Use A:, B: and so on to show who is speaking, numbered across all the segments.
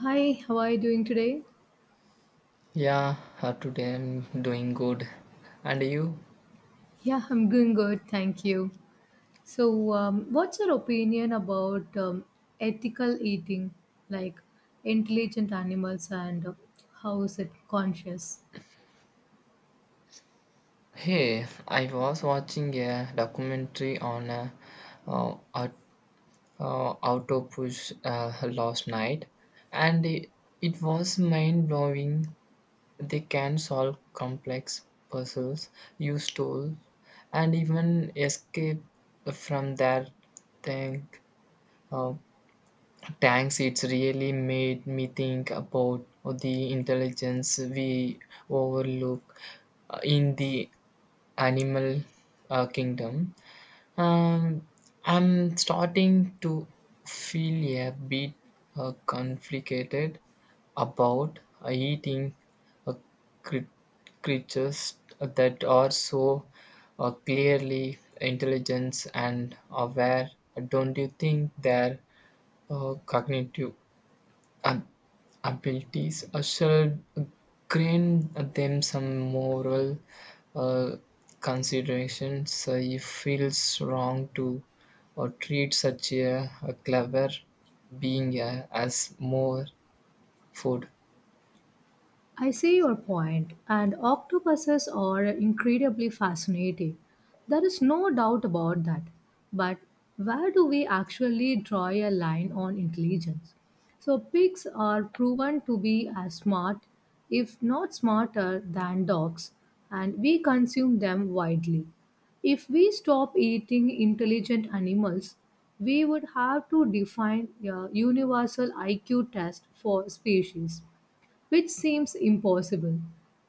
A: Hi, how are you doing today?
B: Yeah, Today I'm doing good. And you?
A: Yeah, I'm doing good, thank you. So, what's your opinion about ethical eating, like intelligent animals, and how is it conscious?
B: Hey, I was watching a documentary on uh, aut- auto push last night, and it was mind blowing. They can solve complex puzzles, use tools, and even escape from their tank. Uh, Thanks, it's really made me think about the intelligence we overlook in the animal kingdom. Um, I'm starting to feel a bit conflicted about eating uh, cre- creatures that are so clearly intelligent and aware. Don't you think they're cognitive ab- abilities should grant them some moral uh, considerations? It feels wrong to or treat such a clever being as more food.
A: I see your point, and octopuses are incredibly fascinating. There is no doubt about that. But where do we actually draw a line on intelligence? So, pigs are proven to be as smart, if not smarter, than dogs, and we consume them widely. If we stop eating intelligent animals, we would have to define a universal IQ test for species which seems impossible.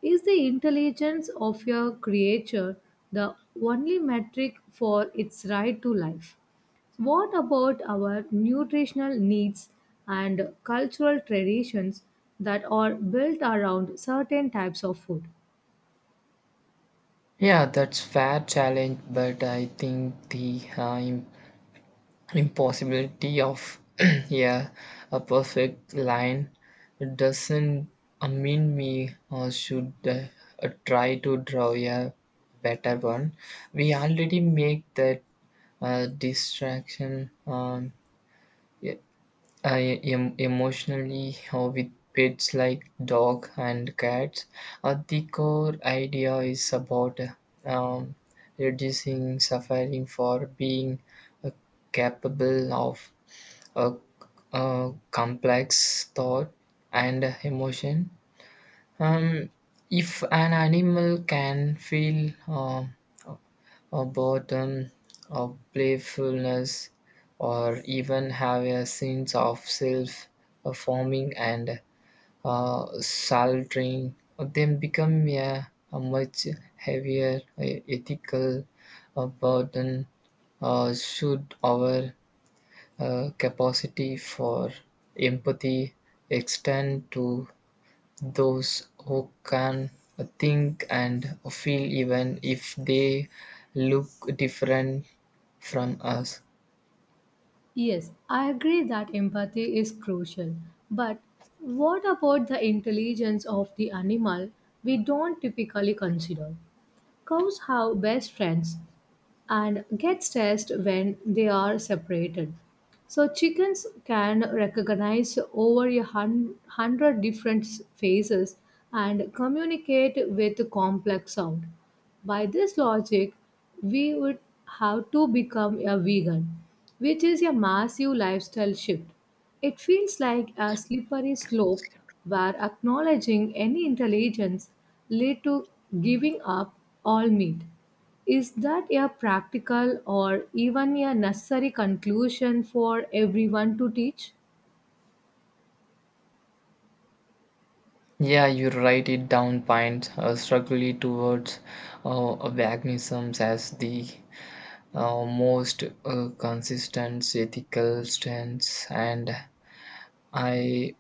A: Is the intelligence of your creature the only metric for its right to life? What about our nutritional needs and cultural traditions that are built around certain types of food?
B: Yeah, that's fair challenge, but I think the impossibility of yeah a perfect line doesn't mean we should try to draw a better one. We already make that distraction, e- emotionally or with pets like dog and cats. The core idea is about um, reducing suffering for being uh, capable of uh, complex thought and emotion. Um, if an animal can feel a boredom, or playfulness, or even have a sense of self forming and saltering, then become a much heavier ethical burden. Should our capacity for empathy extend to those who can think and feel even if they look different from us?
A: Yes, I agree that empathy is crucial, but what about the intelligence of the animal we don't typically consider? Cows have best friends and gets stressed when they are separated. So chickens can recognize over a hundred different faces and communicate with complex sound. By this logic, we would have to become a vegan, which is a massive lifestyle shift. It feels like a slippery slope where acknowledging any intelligence lead to giving up all meat. Is that a practical or even a necessary conclusion for everyone to teach?
B: Yeah, you write it down, Pint, struggle towards veganism as the most consistent ethical stance, and I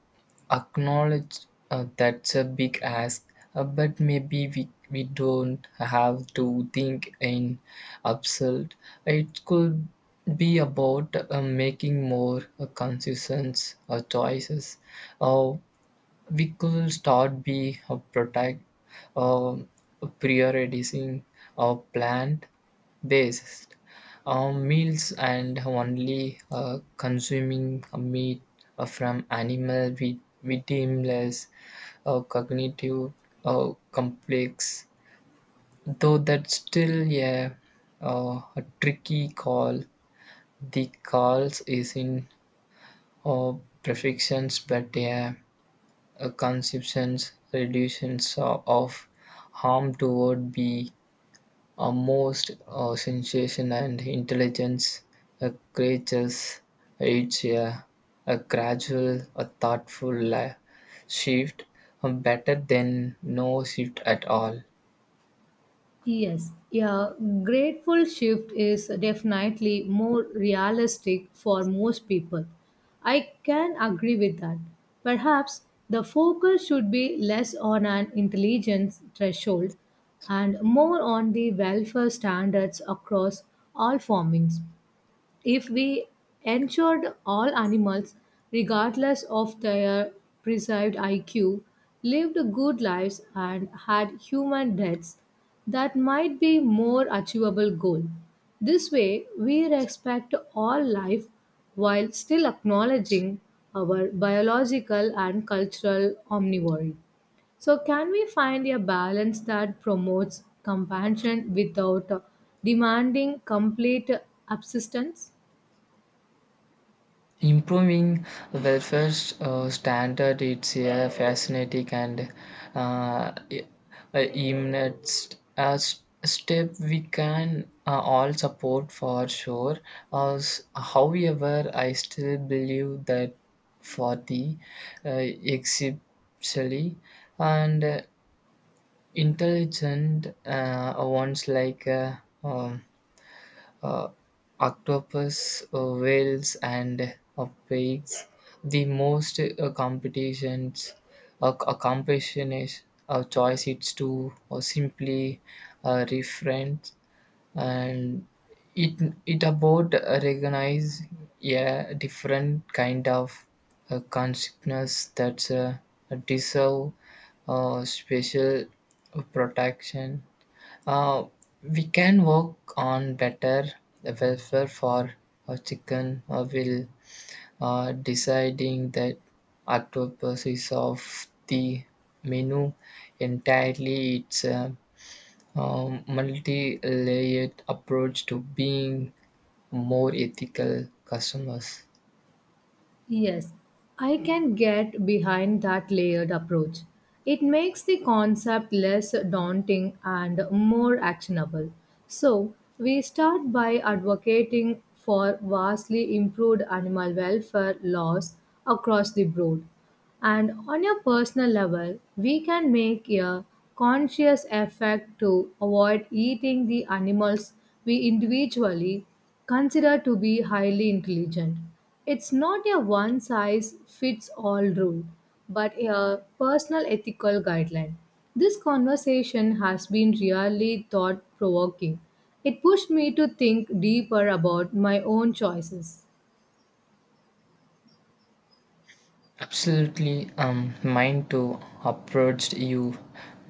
B: acknowledge that's a big ask, but maybe we don't have to think in absurd. It could be about making more consistent choices. Uh, we could start be uh, prioritizing our plant based on meals and only consuming meat from animal with we deem cognitive complex, though that's still a tricky call. The calls is in uh, perfections, but conceptions, reductions of harm toward be are most sensation and intelligence creatures. It's a gradual, a thoughtful shift, better than no shift at all.
A: Yes, a grateful shift is definitely more realistic for most people. I can agree with that. Perhaps the focus should be less on an intelligence threshold and more on the welfare standards across all formings. If we ensured all animals, regardless of their preserved IQ, lived good lives and had human deaths, that might be more achievable goal. This way, we respect all life while still acknowledging our biological and cultural omnivory. So, can we find a balance that promotes compassion without demanding complete subsistence?
B: Improving welfare standard, it's a fascinating and uh, i- imminent step we can all support for sure. As, however, I still believe that for the uh, exceptionally and intelligent ones like um, uh, octopus, whales, and pigs. The most competitions, a competition is a choice. It's to or simply reference, and it it about recognize a different kind of consciousness that's deserve special protection. uh, we can work on better welfare for a chicken will deciding that octopus is of the menu entirely. It's a multi-layered approach to being more ethical customers.
A: Yes, I can get behind that layered approach. It makes the concept less daunting and more actionable. So, we start by advocating for vastly improved animal welfare laws across the board. And on a personal level, we can make a conscious effort to avoid eating the animals we individually consider to be highly intelligent. It's not a one size fits all rule, but a personal ethical guideline. This conversation has been really thought provoking. It pushed me to think deeper about my own choices.
B: Absolutely, mine too approached you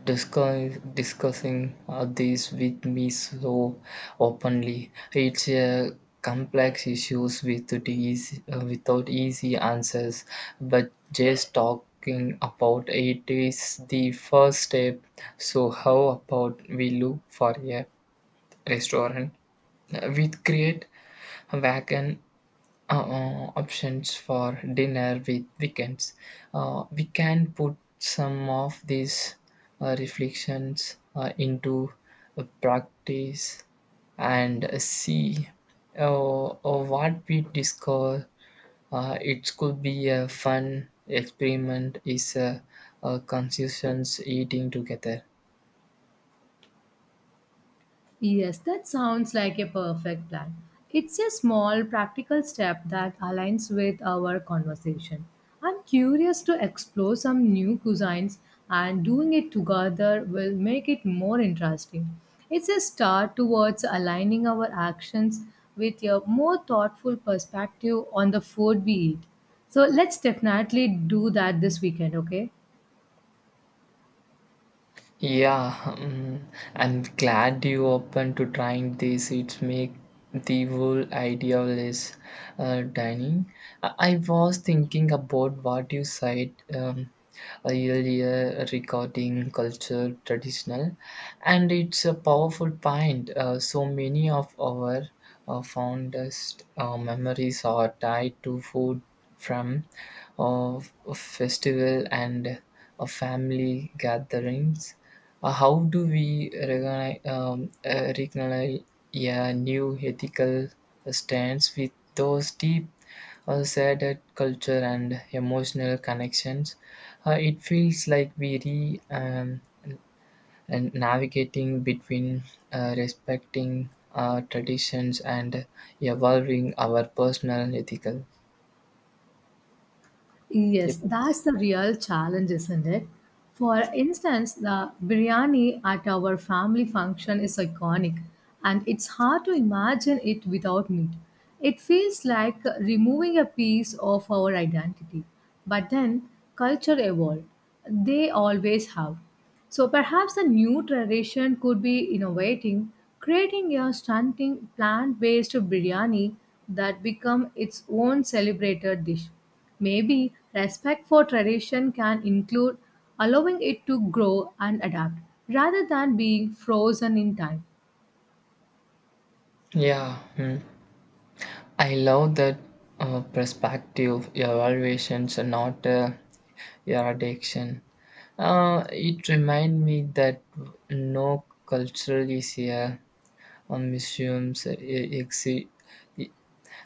B: discussing this with me so openly. It's a complex issues with it easy, without easy answers, but just talking about it is the first step. So how about we look for a restaurant with great vegan options for dinner with weekends. We can put some of these reflections into a practice and see what we discover. It could be a fun experiment is a conscious eating together.
A: Yes, that sounds like a perfect plan. It's a small practical step that aligns with our conversation. I'm curious to explore some new cuisines, and doing it together will make it more interesting. It's a start towards aligning our actions with a more thoughtful perspective on the food we eat. So let's definitely do that this weekend, okay?
B: Yeah, mm, I'm glad you open to trying this. It make the whole idea less dining. I was thinking about what you said earlier regarding culture traditional, and it's a powerful point. So many of our fondest memories are tied to food from uh, festival and family gatherings. How do we recognize a new ethical stance with those deep said culture and emotional connections? It feels like we re and navigating between respecting our traditions and evolving our personal ethical
A: Yes, that's
B: ethics.
A: the real challenge, isn't it? For instance, the biryani at our family function is iconic, and it's hard to imagine it without meat. It feels like removing a piece of our identity. But then, culture evolved. They always have. So perhaps the new tradition could be innovating, creating a stunning plant-based biryani that become its own celebrated dish. Maybe respect for tradition can include allowing it to grow and adapt rather than being frozen in time.
B: Yeah. mm. I love that perspective evaluations are not your addiction. It reminds me that no culture is a, museum exi- e,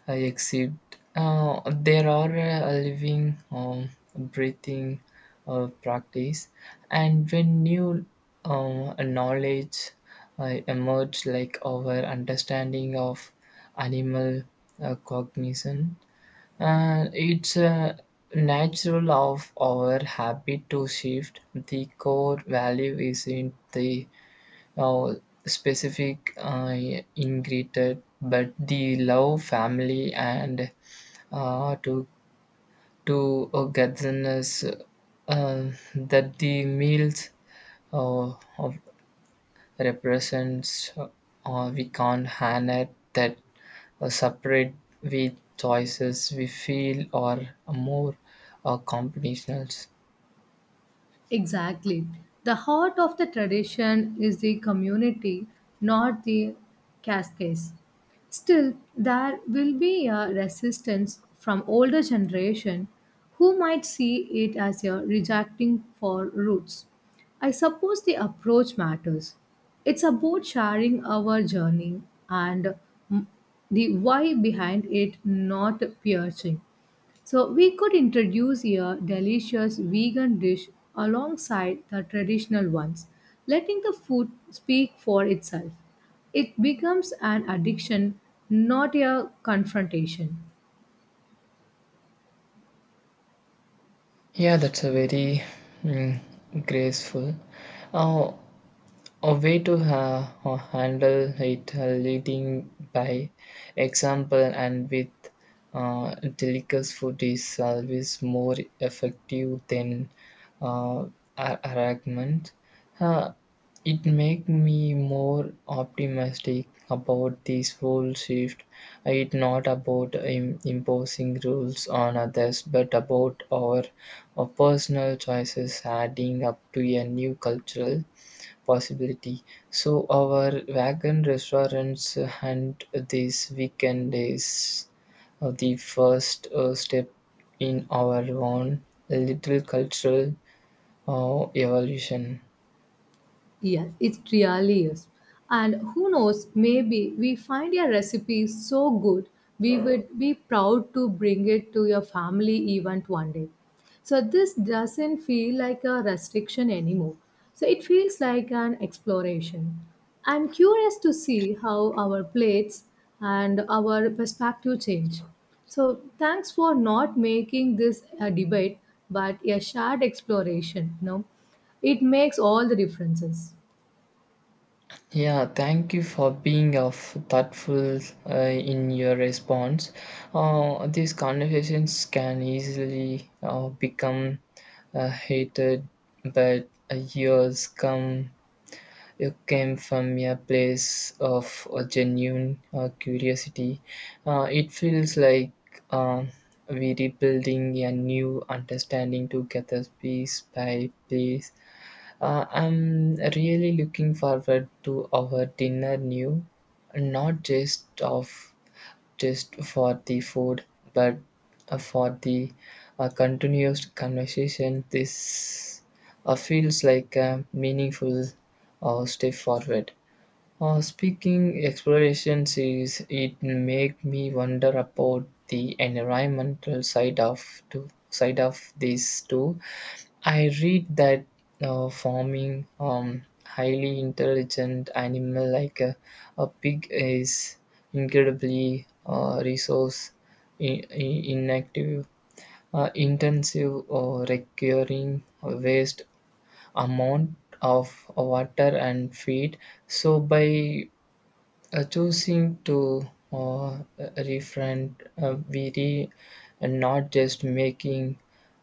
B: I accept. There are a living, breathing practice, and when new knowledge emerge, like our understanding of animal cognition, it's a natural of our habit to shift. The core value is in the uh, specific ingredient, but the love, family, and uh, to to godliness that the meals of represents, we can't handle that separate with choices we feel or more combinationals.
A: Exactly. The heart of the tradition is the community, not the cascades. Still, there will be a resistance from older generation who might see it as a rejecting for roots. I suppose the approach matters. It's about sharing our journey and mm, the why behind it, not piercing. So we could introduce a delicious vegan dish alongside the traditional ones, letting the food speak for itself. It becomes an addiction, not a confrontation.
B: Yeah, that's a very mm, graceful. Uh, A way to handle it, leading by example, and with delicious food is always more effective than uh, argument. Uh, it make me more optimistic about this whole shift. It's not about imposing rules on others, but about our personal choices adding up to a new cultural possibility. So our wagon restaurants hunt these weekend days are the first step in our own little cultural evolution.
A: Yes, it really is. And who knows, maybe we find your recipe so good we would be proud to bring it to your family event one day. So this doesn't feel like a restriction anymore. So it feels like an exploration. I'm curious to see how our plates and our perspective change. So thanks for not making this a debate but a shared exploration, no? It makes all the differences.
B: Yeah, thank you for being of thoughtful in your response. These conversations can easily become hated, but years come. You came from a place of a genuine curiosity. It feels like um, we're rebuilding a new understanding together, piece by piece. I'm really looking forward to our dinner new, not just of just for the food, but for the continuous conversation. This feels like a meaningful step forward. Speaking explorations is it make me wonder about the environmental side of to side of this too. I read that farming highly intelligent animal like a pig is incredibly resource in, inactive intensive or requiring a waste amount of water and feed. So by choosing to uh, refrain, uh, we re- and not just making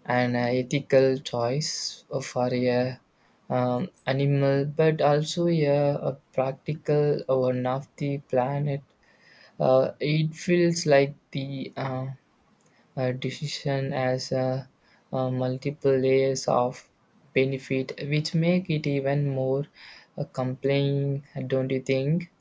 B: an ethical choice for a animal, but also a practical one of the planet. It feels like the decision has multiple layers of benefit, which make it even more compelling, don't you think?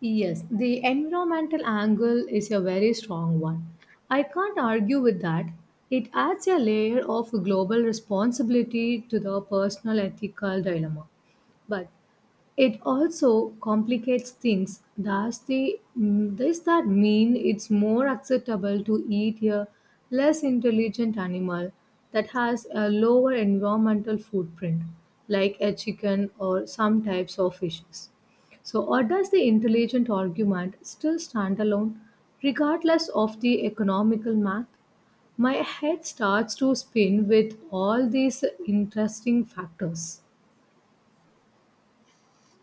A: Yes, the environmental angle is a very strong one. I can't argue with that. It adds a layer of global responsibility to the personal ethical dilemma. But it also complicates things. Does that mean it's more acceptable to eat a less intelligent animal that has a lower environmental footprint, like a chicken or some types of fishes? So, or does the intelligent argument still stand alone, regardless of the economical math? My head starts to spin with all these interesting factors.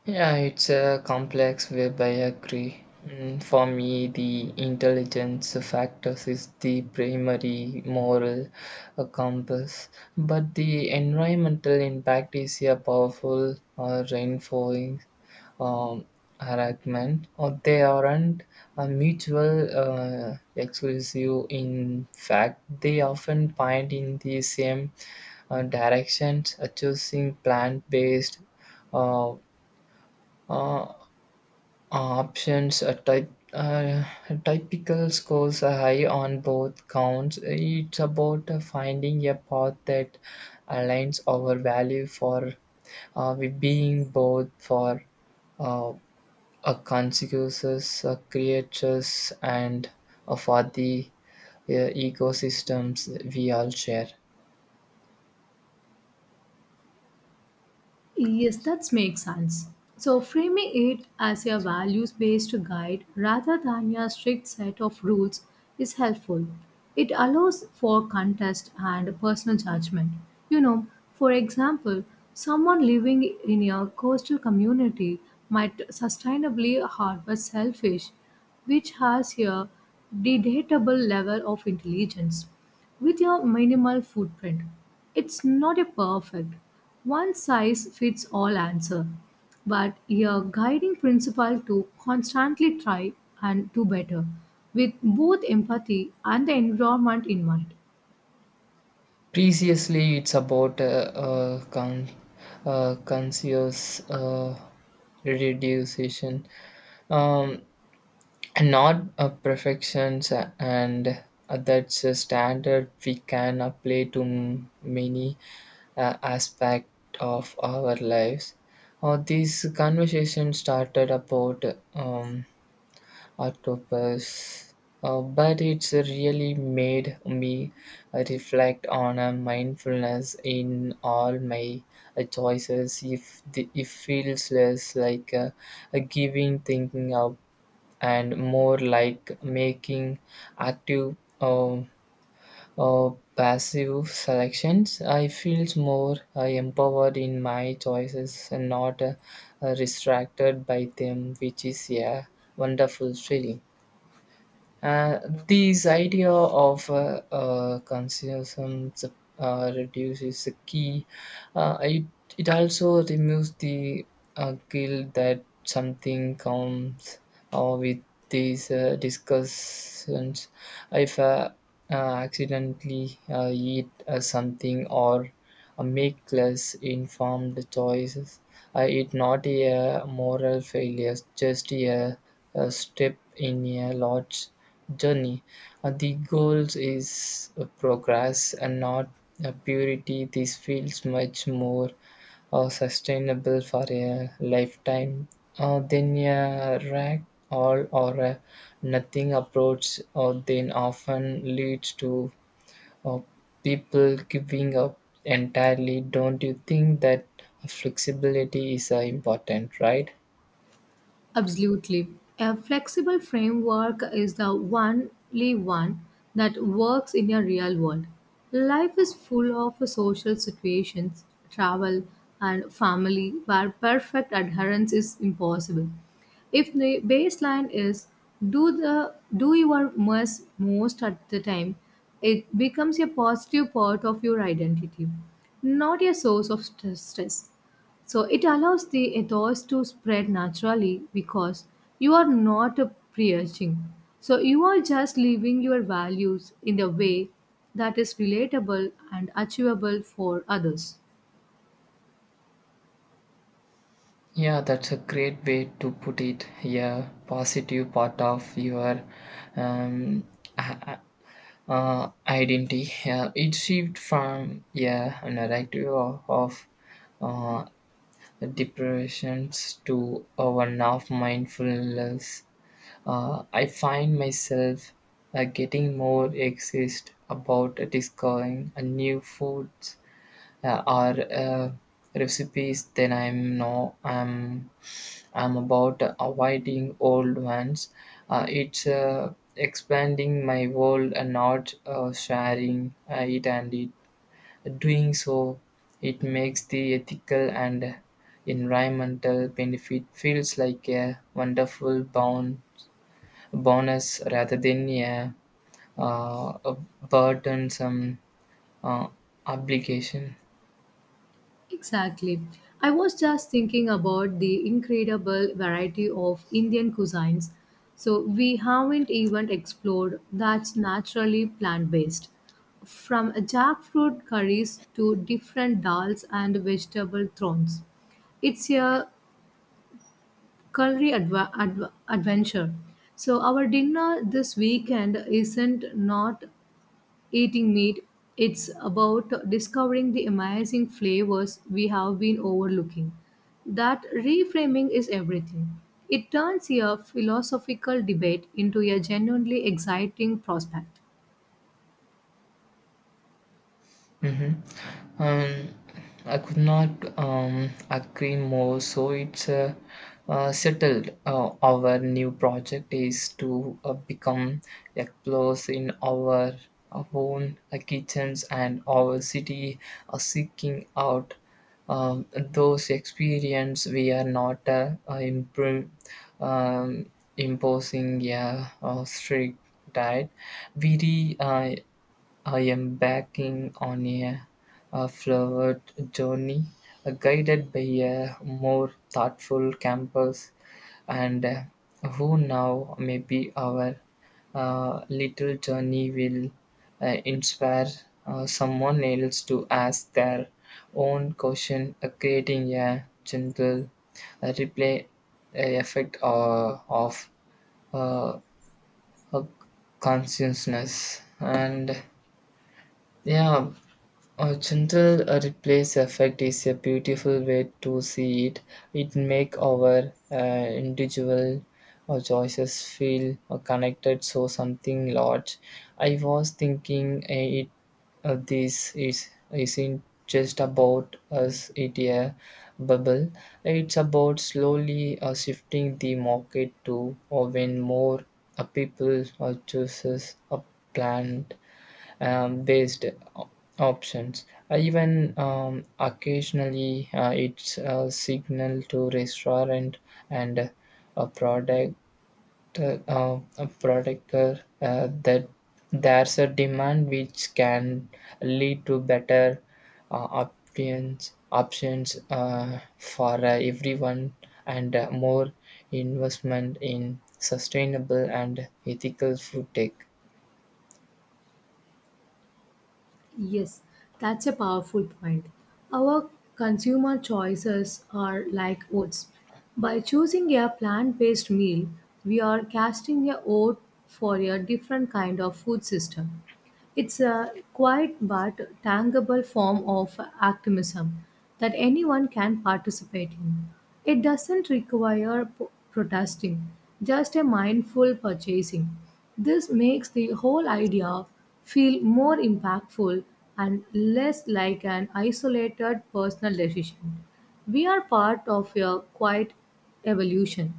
B: Yeah, it's a complex web, I agree. For me, the intelligence factors is the primary moral compass, but the environmental impact is a powerful reinforcing um, argument, or they aren't a mutual exclusive. In fact, they often point in the same directions. Choosing plant-based Uh, uh, options a type typical scores are high on both counts. It's about finding a path that aligns our value for we being both for uh, a consequences creatures and for the ecosystems we all share.
A: Yes, that makes sense. So, framing it as a values based guide rather than a strict set of rules is helpful. It allows for contest and personal judgment. You know, for example, someone living in a coastal community might sustainably harvest shellfish, which has a debatable level of intelligence with your minimal footprint. It's not a perfect, one size fits all answer, but your guiding principle to constantly try and do better with both empathy and the environment in mind.
B: Previously, it's about uh, con- conscious uh, reduction, um, not perfections, and that's a standard we can apply to many aspect of our lives. This conversation started about um, octopus. But it's really made me reflect on a mindfulness in all my choices. If the, it feels less like a giving thinking up, and more like making active uh, passive selections. I feel more empowered in my choices and not distracted by them, which is a wonderful feeling. Uh, this idea of consumerism reduces the key. Uh, it, it also removes the guilt that something comes with these discussions. If accidentally eat something or make less informed choices, it's not a moral failure, just a step in a large journey. The goals is progress and not purity. This feels much more sustainable for a lifetime than a rag all or a nothing approach, or then often leads to uh, people giving up entirely. Don't you think that flexibility is important, right?
A: Absolutely. A flexible framework is the only one that works in a real world. Life is full of social situations, travel, and family where perfect adherence is impossible. If the baseline is do your most at the time, it becomes a positive part of your identity, not a source of stress. So it allows the ethos to spread naturally because you are not preaching. So you are just living your values in a way that is relatable and achievable for others.
B: Yeah, that's a great way to put it. Yeah, positive part of your um, uh, identity. Yeah, it shifted from yeah, a narrative of uh, depressions to a one of mindfulness. I find myself getting more exist about discovering a new foods or recipes, then I'm no I'm I'm about avoiding old ones. It's Expanding my world and not sharing it, and it doing so, it makes the ethical and environmental benefit feels like a wonderful bonus rather than a burdensome uh, obligation.
A: Exactly. I was just thinking about the incredible variety of Indian cuisines. So, we haven't even explored that's naturally plant based. From jackfruit curries to different dals and vegetable thrones. It's a culinary adventure. So, our dinner this weekend isn't not eating meat, it's about discovering the amazing flavors we have been overlooking. That reframing is everything. It turns a philosophical debate into a genuinely exciting prospect.
B: hmm Um, I could not agree more. So it's settled. Our new project is to become explorers in our own kitchens and our city, seeking out those experience. We are not um, imposing a, strict diet. We re, uh, I am backing on a flowered journey, guided by a more thoughtful campus, and who now maybe our little journey will inspire someone else to ask their own question, creating a gentle replay effect of uh, uh, consciousness and yeah a gentle replace effect is a beautiful way to see it. It make our individual choices feel connected so something large. I was thinking it this is isn't just about us, it a bubble. It's about slowly shifting the market to or when more people chooses a plant based o- options. Even occasionally, it's a signal to restaurant and a product a product that there's a demand which can lead to better options for everyone, and more investment in sustainable and ethical food tech.
A: Yes, that's a powerful point. Our consumer choices are like votes. By choosing a plant based meal, we are casting a vote for a different kind of food system. It's a quiet but tangible form of activism that anyone can participate in. It doesn't require protesting, just a mindful purchasing. This makes the whole idea feel more impactful and less like an isolated personal decision. We are part of a quiet evolution.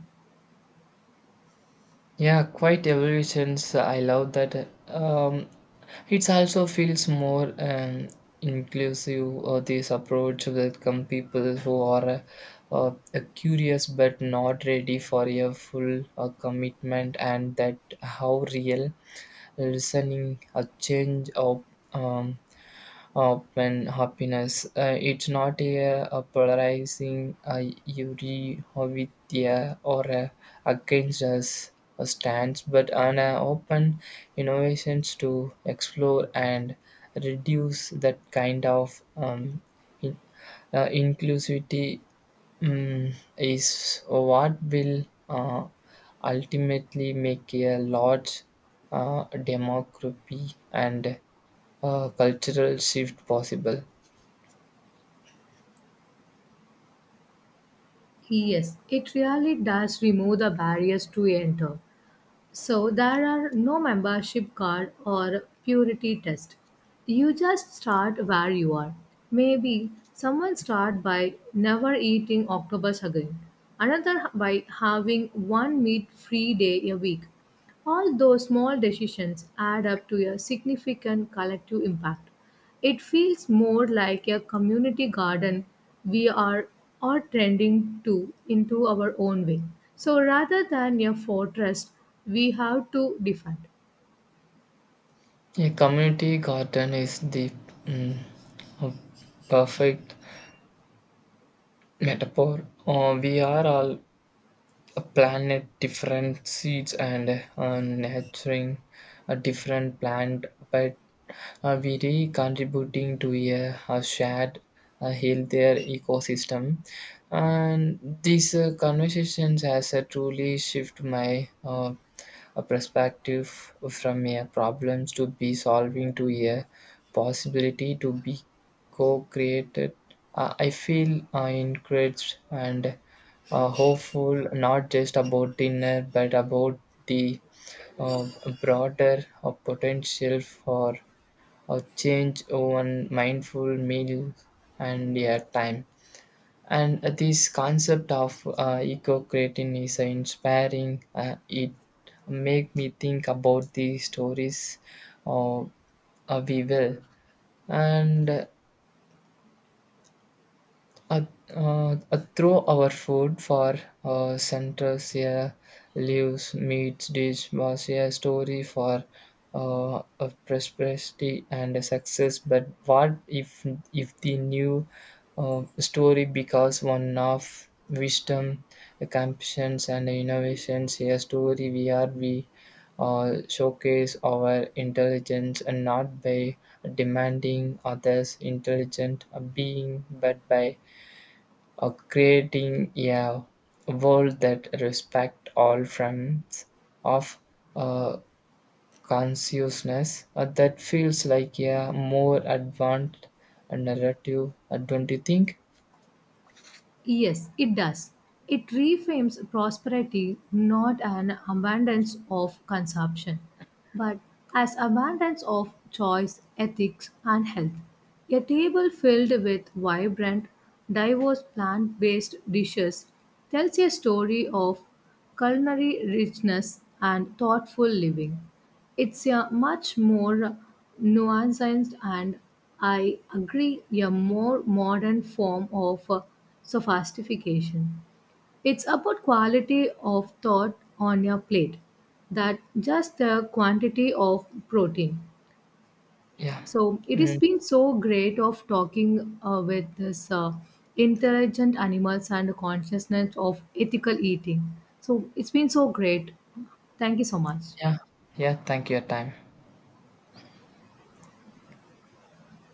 B: Yeah, quite ever since, I love that. It also feels more inclusive or this approach welcome people who are curious but not ready for a full commitment, and that how real listening a change of um, when happiness. It's not a polarizing uri or with a against us a stance, but an open innovations to explore and reduce that kind of in, inclusivity is what will ultimately make a large democracy and cultural shift possible.
A: Yes, it really does remove the barriers to enter. So there are no membership card or purity test. You just start where you are. Maybe someone start by never eating octopus again. Another by having one meat free day a week. All those small decisions add up to a significant collective impact. It feels more like a community garden we are all tending to into our own way. So rather than a fortress we have to defend.
B: A community garden is the mm, a perfect metaphor. We are all a planet different seeds and nurturing a different plant, but we really contributing to a shared a healthier ecosystem. And these conversations has truly shift my a perspective from a problems to be solving to a possibility to be co-created. I feel encouraged and hopeful, not just about dinner but about the uh, broader potential for a change one mindful meal and your time. And this concept of eco-creating is inspiring. It make me think about the stories uh, we will and Uh, through our food for centers here, leaves, meats, dish was a story for of prosperity and success. But what if the new story becomes one of wisdom, compassions, and innovations? A story we are we showcase our intelligence, and not by demanding others intelligent being, but by or creating a world that respect all forms of uh, consciousness. That feels like a more advanced narrative, don't you think?
A: Yes, it does. It reframes prosperity not an abundance of consumption, but as abundance of choice, ethics, and health. A table filled with vibrant, diverse plant based dishes tells a story of culinary richness and thoughtful living. It's a much more nuanced and, I agree, a more modern form of sophistication. It's about quality of thought on your plate, that just the quantity of protein.
B: yeah
A: So it has
B: Mm,
A: been so great of talking with this intelligent animals and consciousness of ethical eating. So it's been so great. Thank you so much.
B: yeah yeah, thank you your time.